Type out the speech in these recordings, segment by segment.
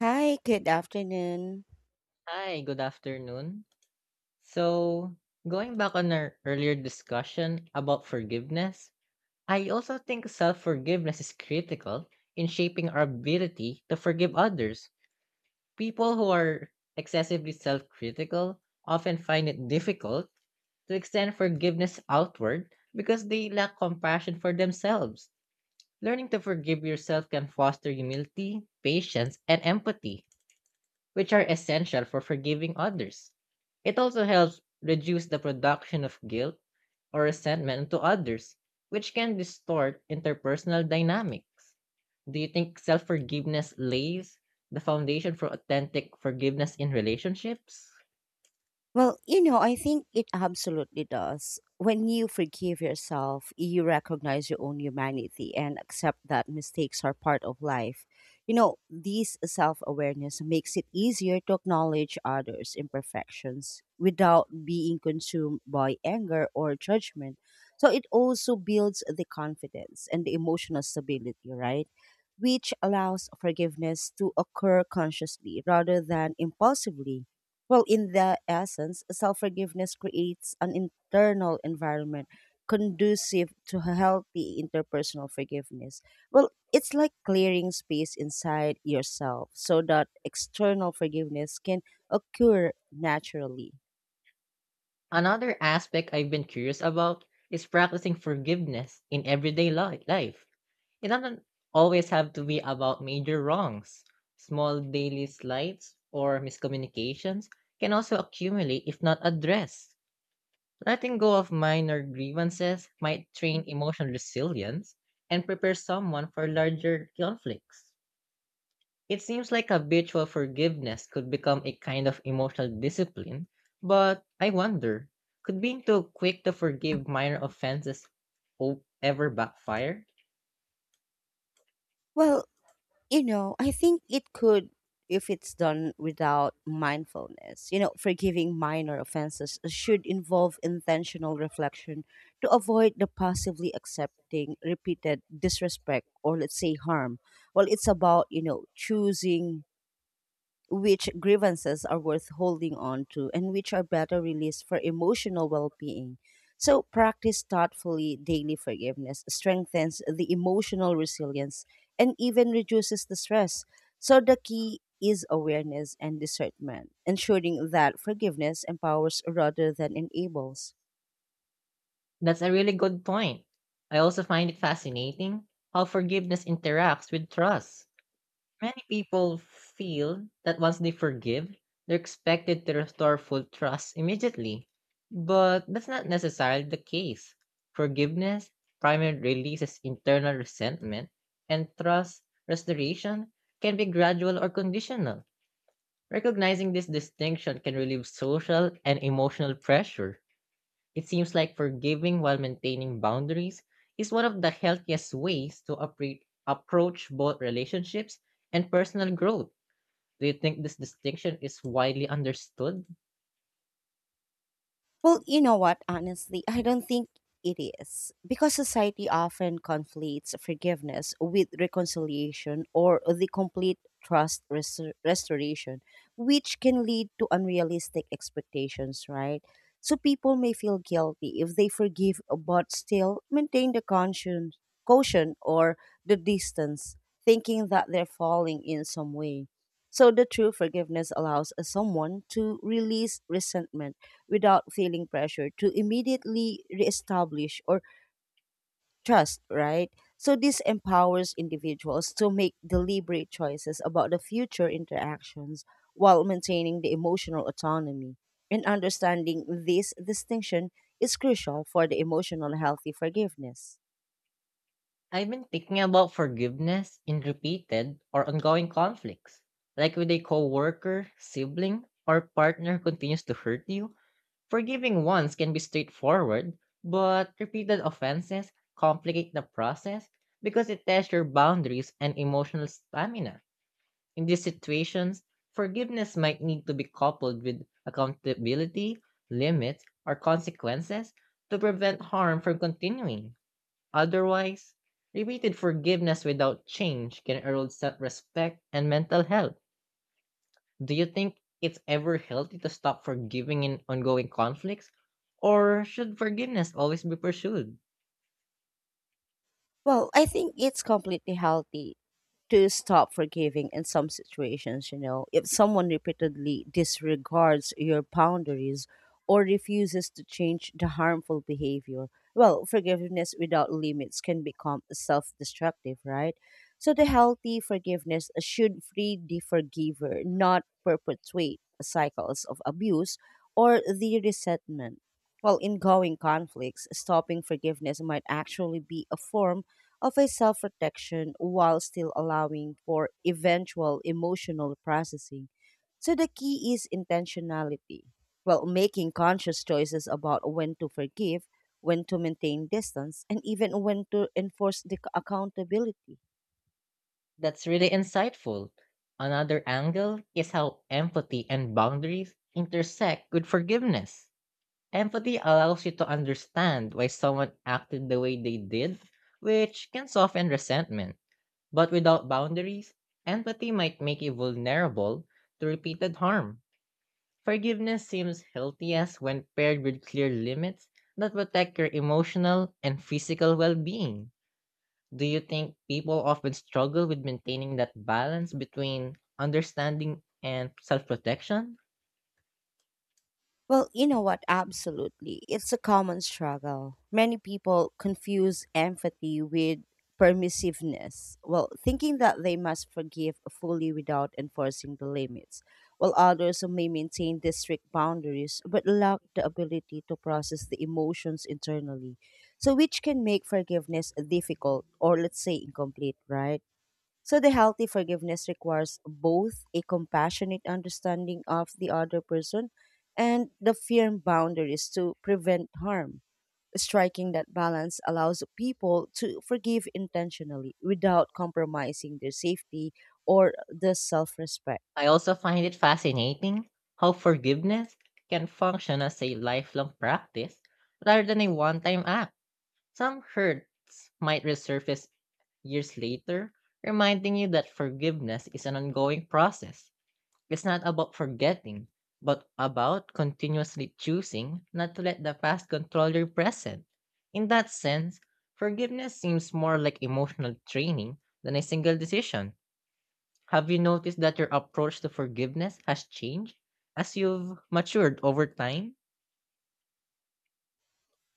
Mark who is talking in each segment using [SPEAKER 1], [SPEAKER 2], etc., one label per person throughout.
[SPEAKER 1] Hi, good afternoon.
[SPEAKER 2] Hi, good afternoon. So, going back on our earlier discussion about forgiveness, I also think self forgiveness is critical in shaping our ability to forgive others. People who are excessively self critical often find it difficult to extend forgiveness outward because they lack compassion for themselves. Learning to forgive yourself can foster humility, patience, and empathy which are essential for forgiving others. It also helps reduce the production of guilt or resentment to others, which can distort interpersonal dynamics. Do you think self forgiveness lays the foundation for authentic forgiveness in relationships?
[SPEAKER 1] Well, you know, I think it absolutely does. When you forgive yourself, you recognize your own humanity and accept that mistakes are part of life. You know, this self awareness makes it easier to acknowledge others' imperfections without being consumed by anger or judgment. So it also builds the confidence and the emotional stability, right? Which allows forgiveness to occur consciously rather than impulsively. Well, in the essence, self forgiveness creates an internal environment conducive to a healthy interpersonal forgiveness. Well, it's like clearing space inside yourself so that external forgiveness can occur naturally.
[SPEAKER 2] Another aspect I've been curious about is practicing forgiveness in everyday life. It doesn't always have to be about major wrongs. Small daily slights or miscommunications can also accumulate if not addressed. Letting go of minor grievances might train emotional resilience and prepare someone for larger conflicts. It seems like habitual forgiveness could become a kind of emotional discipline, but I wonder, could being too quick to forgive minor offenses ever backfire?
[SPEAKER 1] Well, you know, I think it could if it's done without mindfulness. You know, forgiving minor offenses should involve intentional reflection to avoid the passively accepting repeated disrespect or let's say harm. Well, it's about, you know, choosing which grievances are worth holding on to and which are better released for emotional well-being. So practice thoughtfully daily forgiveness strengthens the emotional resilience and even reduces the stress. So the key is awareness and discernment, ensuring that forgiveness empowers rather than enables.
[SPEAKER 2] That's a really good point. I also find it fascinating how forgiveness interacts with trust. Many people feel that once they forgive, they're expected to restore full trust immediately. But that's not necessarily the case. Forgiveness primarily releases internal resentment, and trust restoration can be gradual or conditional. Recognizing this distinction can relieve social and emotional pressure. It seems like forgiving while maintaining boundaries is one of the healthiest ways to approach both relationships and personal growth. Do you think this distinction is widely understood?
[SPEAKER 1] Well, you know what? Honestly, I don't think it is because society often conflates forgiveness with reconciliation or the complete trust restoration, which can lead to unrealistic expectations, right? So people may feel guilty if they forgive but still maintain the conscience, caution or the distance, thinking that they're falling in some way. So the true forgiveness allows a someone to release resentment without feeling pressure to immediately reestablish or trust, right? So this empowers individuals to make deliberate choices about the future interactions while maintaining the emotional autonomy. And understanding this distinction is crucial for the emotional healthy forgiveness.
[SPEAKER 2] I've been thinking about forgiveness in repeated or ongoing conflicts. Like with a coworker, sibling, or partner who continues to hurt you, forgiving once can be straightforward, but repeated offenses complicate the process because it tests your boundaries and emotional stamina. In these situations, forgiveness might need to be coupled with accountability, limits, or consequences to prevent harm from continuing. Otherwise, repeated forgiveness without change can erode self respect and mental health. Do you think it's ever healthy to stop forgiving in ongoing conflicts? Or should forgiveness always be pursued?
[SPEAKER 1] Well, I think it's completely healthy to stop forgiving in some situations, you know. If someone repeatedly disregards your boundaries or refuses to change the harmful behavior, well, forgiveness without limits can become self destructive, right? So, the healthy forgiveness should free the forgiver, not perpetuate cycles of abuse or the resentment. Well, in going conflicts, stopping forgiveness might actually be a form of a self protection while still allowing for eventual emotional processing. So the key is intentionality. Well, making conscious choices about when to forgive, when to maintain distance, and even when to enforce the accountability.
[SPEAKER 2] That's really insightful. Another angle is how empathy and boundaries intersect with forgiveness. Empathy allows you to understand why someone acted the way they did, which can soften resentment. But without boundaries, empathy might make you vulnerable to repeated harm. Forgiveness seems healthiest when paired with clear limits that protect your emotional and physical well being. Do you think people often struggle with maintaining that balance between understanding and self protection?
[SPEAKER 1] Well, you know what? Absolutely. It's a common struggle. Many people confuse empathy with permissiveness. Well, thinking that they must forgive fully without enforcing the limits, while others may maintain the strict boundaries but lack the ability to process the emotions internally. So, which can make forgiveness difficult or, let's say, incomplete, right? So the healthy forgiveness requires both a compassionate understanding of the other person and the firm boundaries to prevent harm. Striking that balance allows people to forgive intentionally without compromising their safety or the self respect.
[SPEAKER 2] I also find it fascinating how forgiveness can function as a lifelong practice rather than a one time act. Some hurts might resurface years later, reminding you that forgiveness is an ongoing process. It's not about forgetting, but about continuously choosing not to let the past control your present. In that sense, forgiveness seems more like emotional training than a single decision. Have you noticed that your approach to forgiveness has changed as you've matured over time?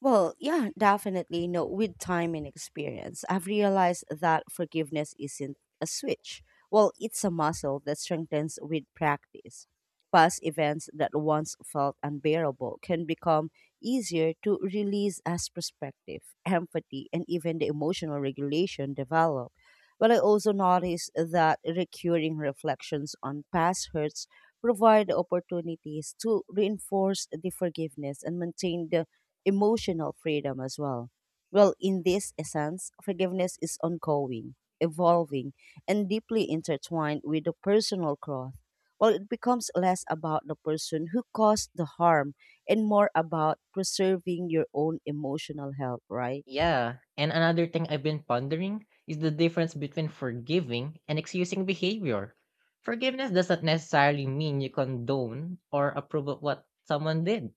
[SPEAKER 1] Well, yeah, definitely. No, with time and experience, I've realized that forgiveness isn't a switch. Well, it's a muscle that strengthens with practice. Past events that once felt unbearable can become easier to release as perspective, empathy, and even the emotional regulation develop. But I also noticed that recurring reflections on past hurts provide opportunities to reinforce the forgiveness and maintain the emotional freedom as well. Well, in this essence, forgiveness is ongoing, evolving, and deeply intertwined with the personal growth. Well, it becomes less about the person who caused the harm and more about preserving your own emotional health, right?
[SPEAKER 2] Yeah. And another thing I've been pondering is the difference between forgiving and excusing behavior. Forgiveness doesn't necessarily mean you condone or approve of what someone did.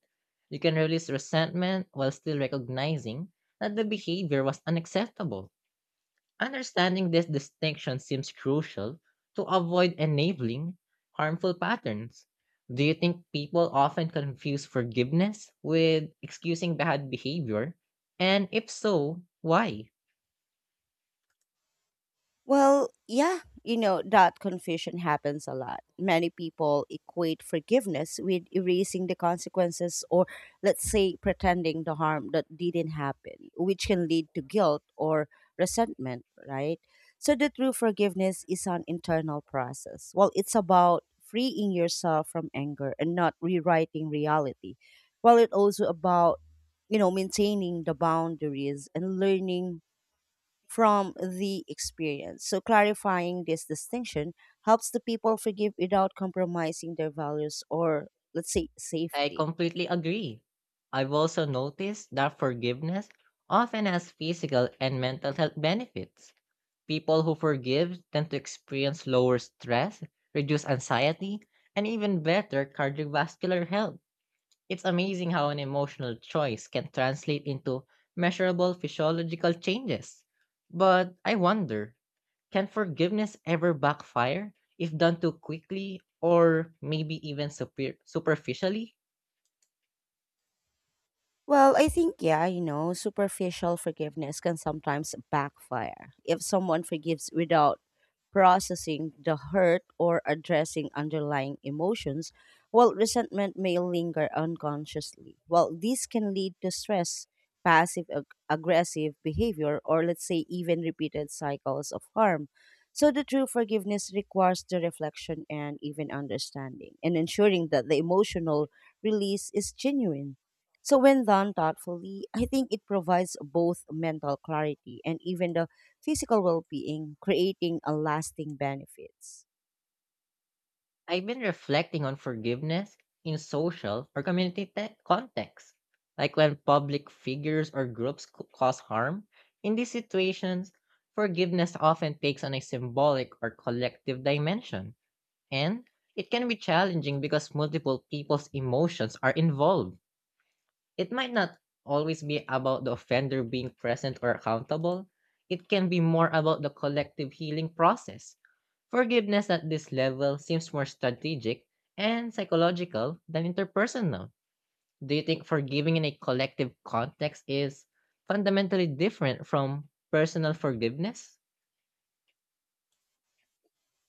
[SPEAKER 2] You can release resentment while still recognizing that the behavior was unacceptable. Understanding this distinction seems crucial to avoid enabling harmful patterns. Do you think people often confuse forgiveness with excusing bad behavior? And if so, why?
[SPEAKER 1] Well, yeah, you know, that confusion happens a lot. Many people equate forgiveness with erasing the consequences or, let's say, pretending the harm that didn't happen, which can lead to guilt or resentment, right? So, the true forgiveness is an internal process. Well, it's about freeing yourself from anger and not rewriting reality. While it's also about, you know, maintaining the boundaries and learning from the experience. So, clarifying this distinction helps the people forgive without compromising their values or, let's say,
[SPEAKER 2] I
[SPEAKER 1] safety.
[SPEAKER 2] completely agree. I've also noticed that forgiveness often has physical and mental health benefits. People who forgive tend to experience lower stress, reduce anxiety, and even better cardiovascular health. It's amazing how an emotional choice can translate into measurable physiological changes. But I wonder, can forgiveness ever backfire if done too quickly or maybe even superficially?
[SPEAKER 1] Well, I think, yeah, you know, superficial forgiveness can sometimes backfire if someone forgives without processing the hurt or addressing underlying emotions, while resentment may linger unconsciously. Well, this can lead to stress, passive aggressive behavior, or let's say even repeated cycles of harm. So, the true forgiveness requires the reflection and even understanding, and ensuring that the emotional release is genuine. So when done thoughtfully, I think it provides both mental clarity and even the physical well-being, creating a lasting benefits.
[SPEAKER 2] I've been reflecting on forgiveness in social or community contexts, like when public figures or groups cause harm. In these situations, forgiveness often takes on a symbolic or collective dimension, and it can be challenging because multiple people's emotions are involved. It might not always be about the offender being present or accountable, it can be more about the collective healing process. Forgiveness at this level seems more strategic and psychological than interpersonal. Do you think forgiving in a collective context is fundamentally different from personal forgiveness?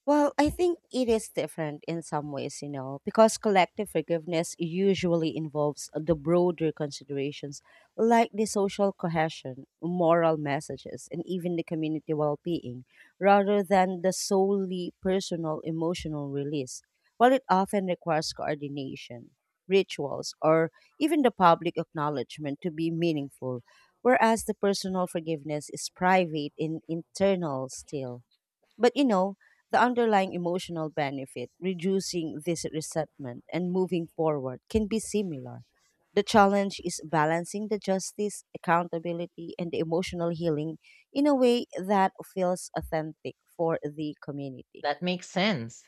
[SPEAKER 1] Well, I think it is different in some ways, you know, because collective forgiveness usually involves the broader considerations like the social cohesion, moral messages, and even the community well being, rather than the solely personal emotional release. While it often requires coordination, rituals, or even the public acknowledgement to be meaningful, whereas the personal forgiveness is private and internal still. But you know, the underlying emotional benefit, reducing this resentment and moving forward, can be similar. The challenge is balancing the justice, accountability, and the emotional healing in a way that feels authentic for the community.
[SPEAKER 2] That makes sense.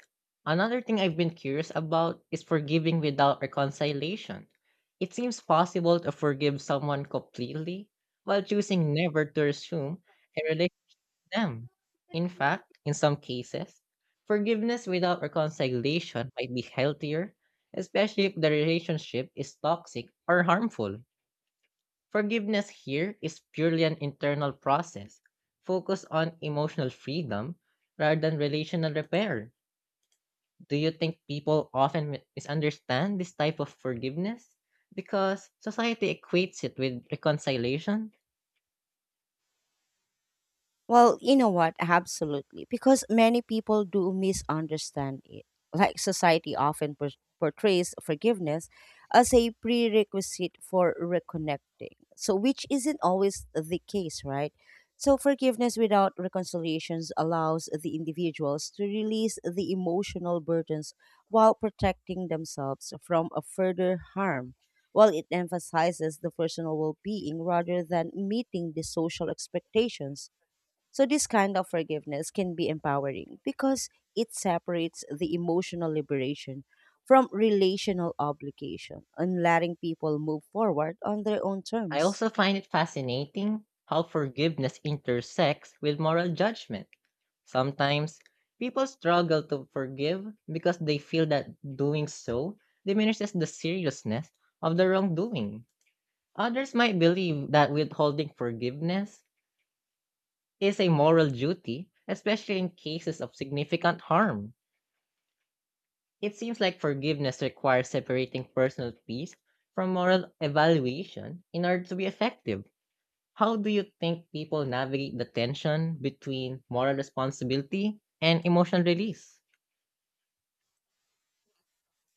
[SPEAKER 2] Another thing I've been curious about is forgiving without reconciliation. It seems possible to forgive someone completely while choosing never to resume a relation with them. In fact, in some cases, forgiveness without reconciliation might be healthier, especially if the relationship is toxic or harmful. Forgiveness here is purely an internal process, focused on emotional freedom rather than relational repair. Do you think people often misunderstand this type of forgiveness? Because society equates it with reconciliation.
[SPEAKER 1] Well, you know what? Absolutely. Because many people do misunderstand it. Like society often portrays forgiveness as a prerequisite for reconnecting. So, which isn't always the case, right? So, forgiveness without reconciliations allows the individuals to release the emotional burdens while protecting themselves from a further harm. While it emphasizes the personal well being rather than meeting the social expectations. So, this kind of forgiveness can be empowering because it separates the emotional liberation from relational obligation and letting people move forward on their own
[SPEAKER 2] I also
[SPEAKER 1] terms.
[SPEAKER 2] find it fascinating how forgiveness intersects with moral judgment. Sometimes people struggle to forgive because they feel that doing so diminishes the seriousness of the wrongdoing. Others might believe that withholding forgiveness is a moral duty, especially in cases of significant harm. It seems like forgiveness requires separating personal peace from moral evaluation in order to be effective. How do you think people navigate the tension between moral responsibility and emotional release?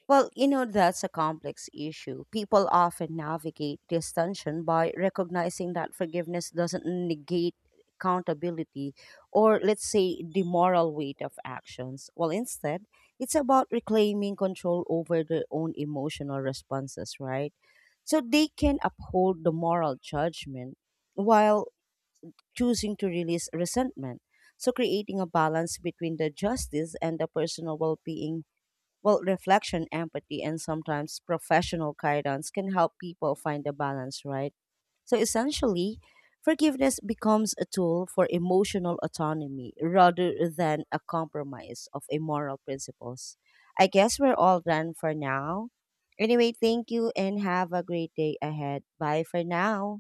[SPEAKER 1] Well, you know, that's a complex issue. People often navigate this tension by recognizing that forgiveness doesn't negate accountability or, let's say, the moral weight of actions. Well, instead, it's about reclaiming control over their own emotional responses, right? So they can uphold the moral judgment while choosing to release resentment. So creating a balance between the justice and the personal well being well, reflection, empathy, and sometimes professional guidance can help people find the balance, right? So essentially, forgiveness becomes a tool for emotional autonomy rather than a compromise of immoral principles. I guess we're all done for now. Anyway, thank you and have a great day ahead. Bye for now.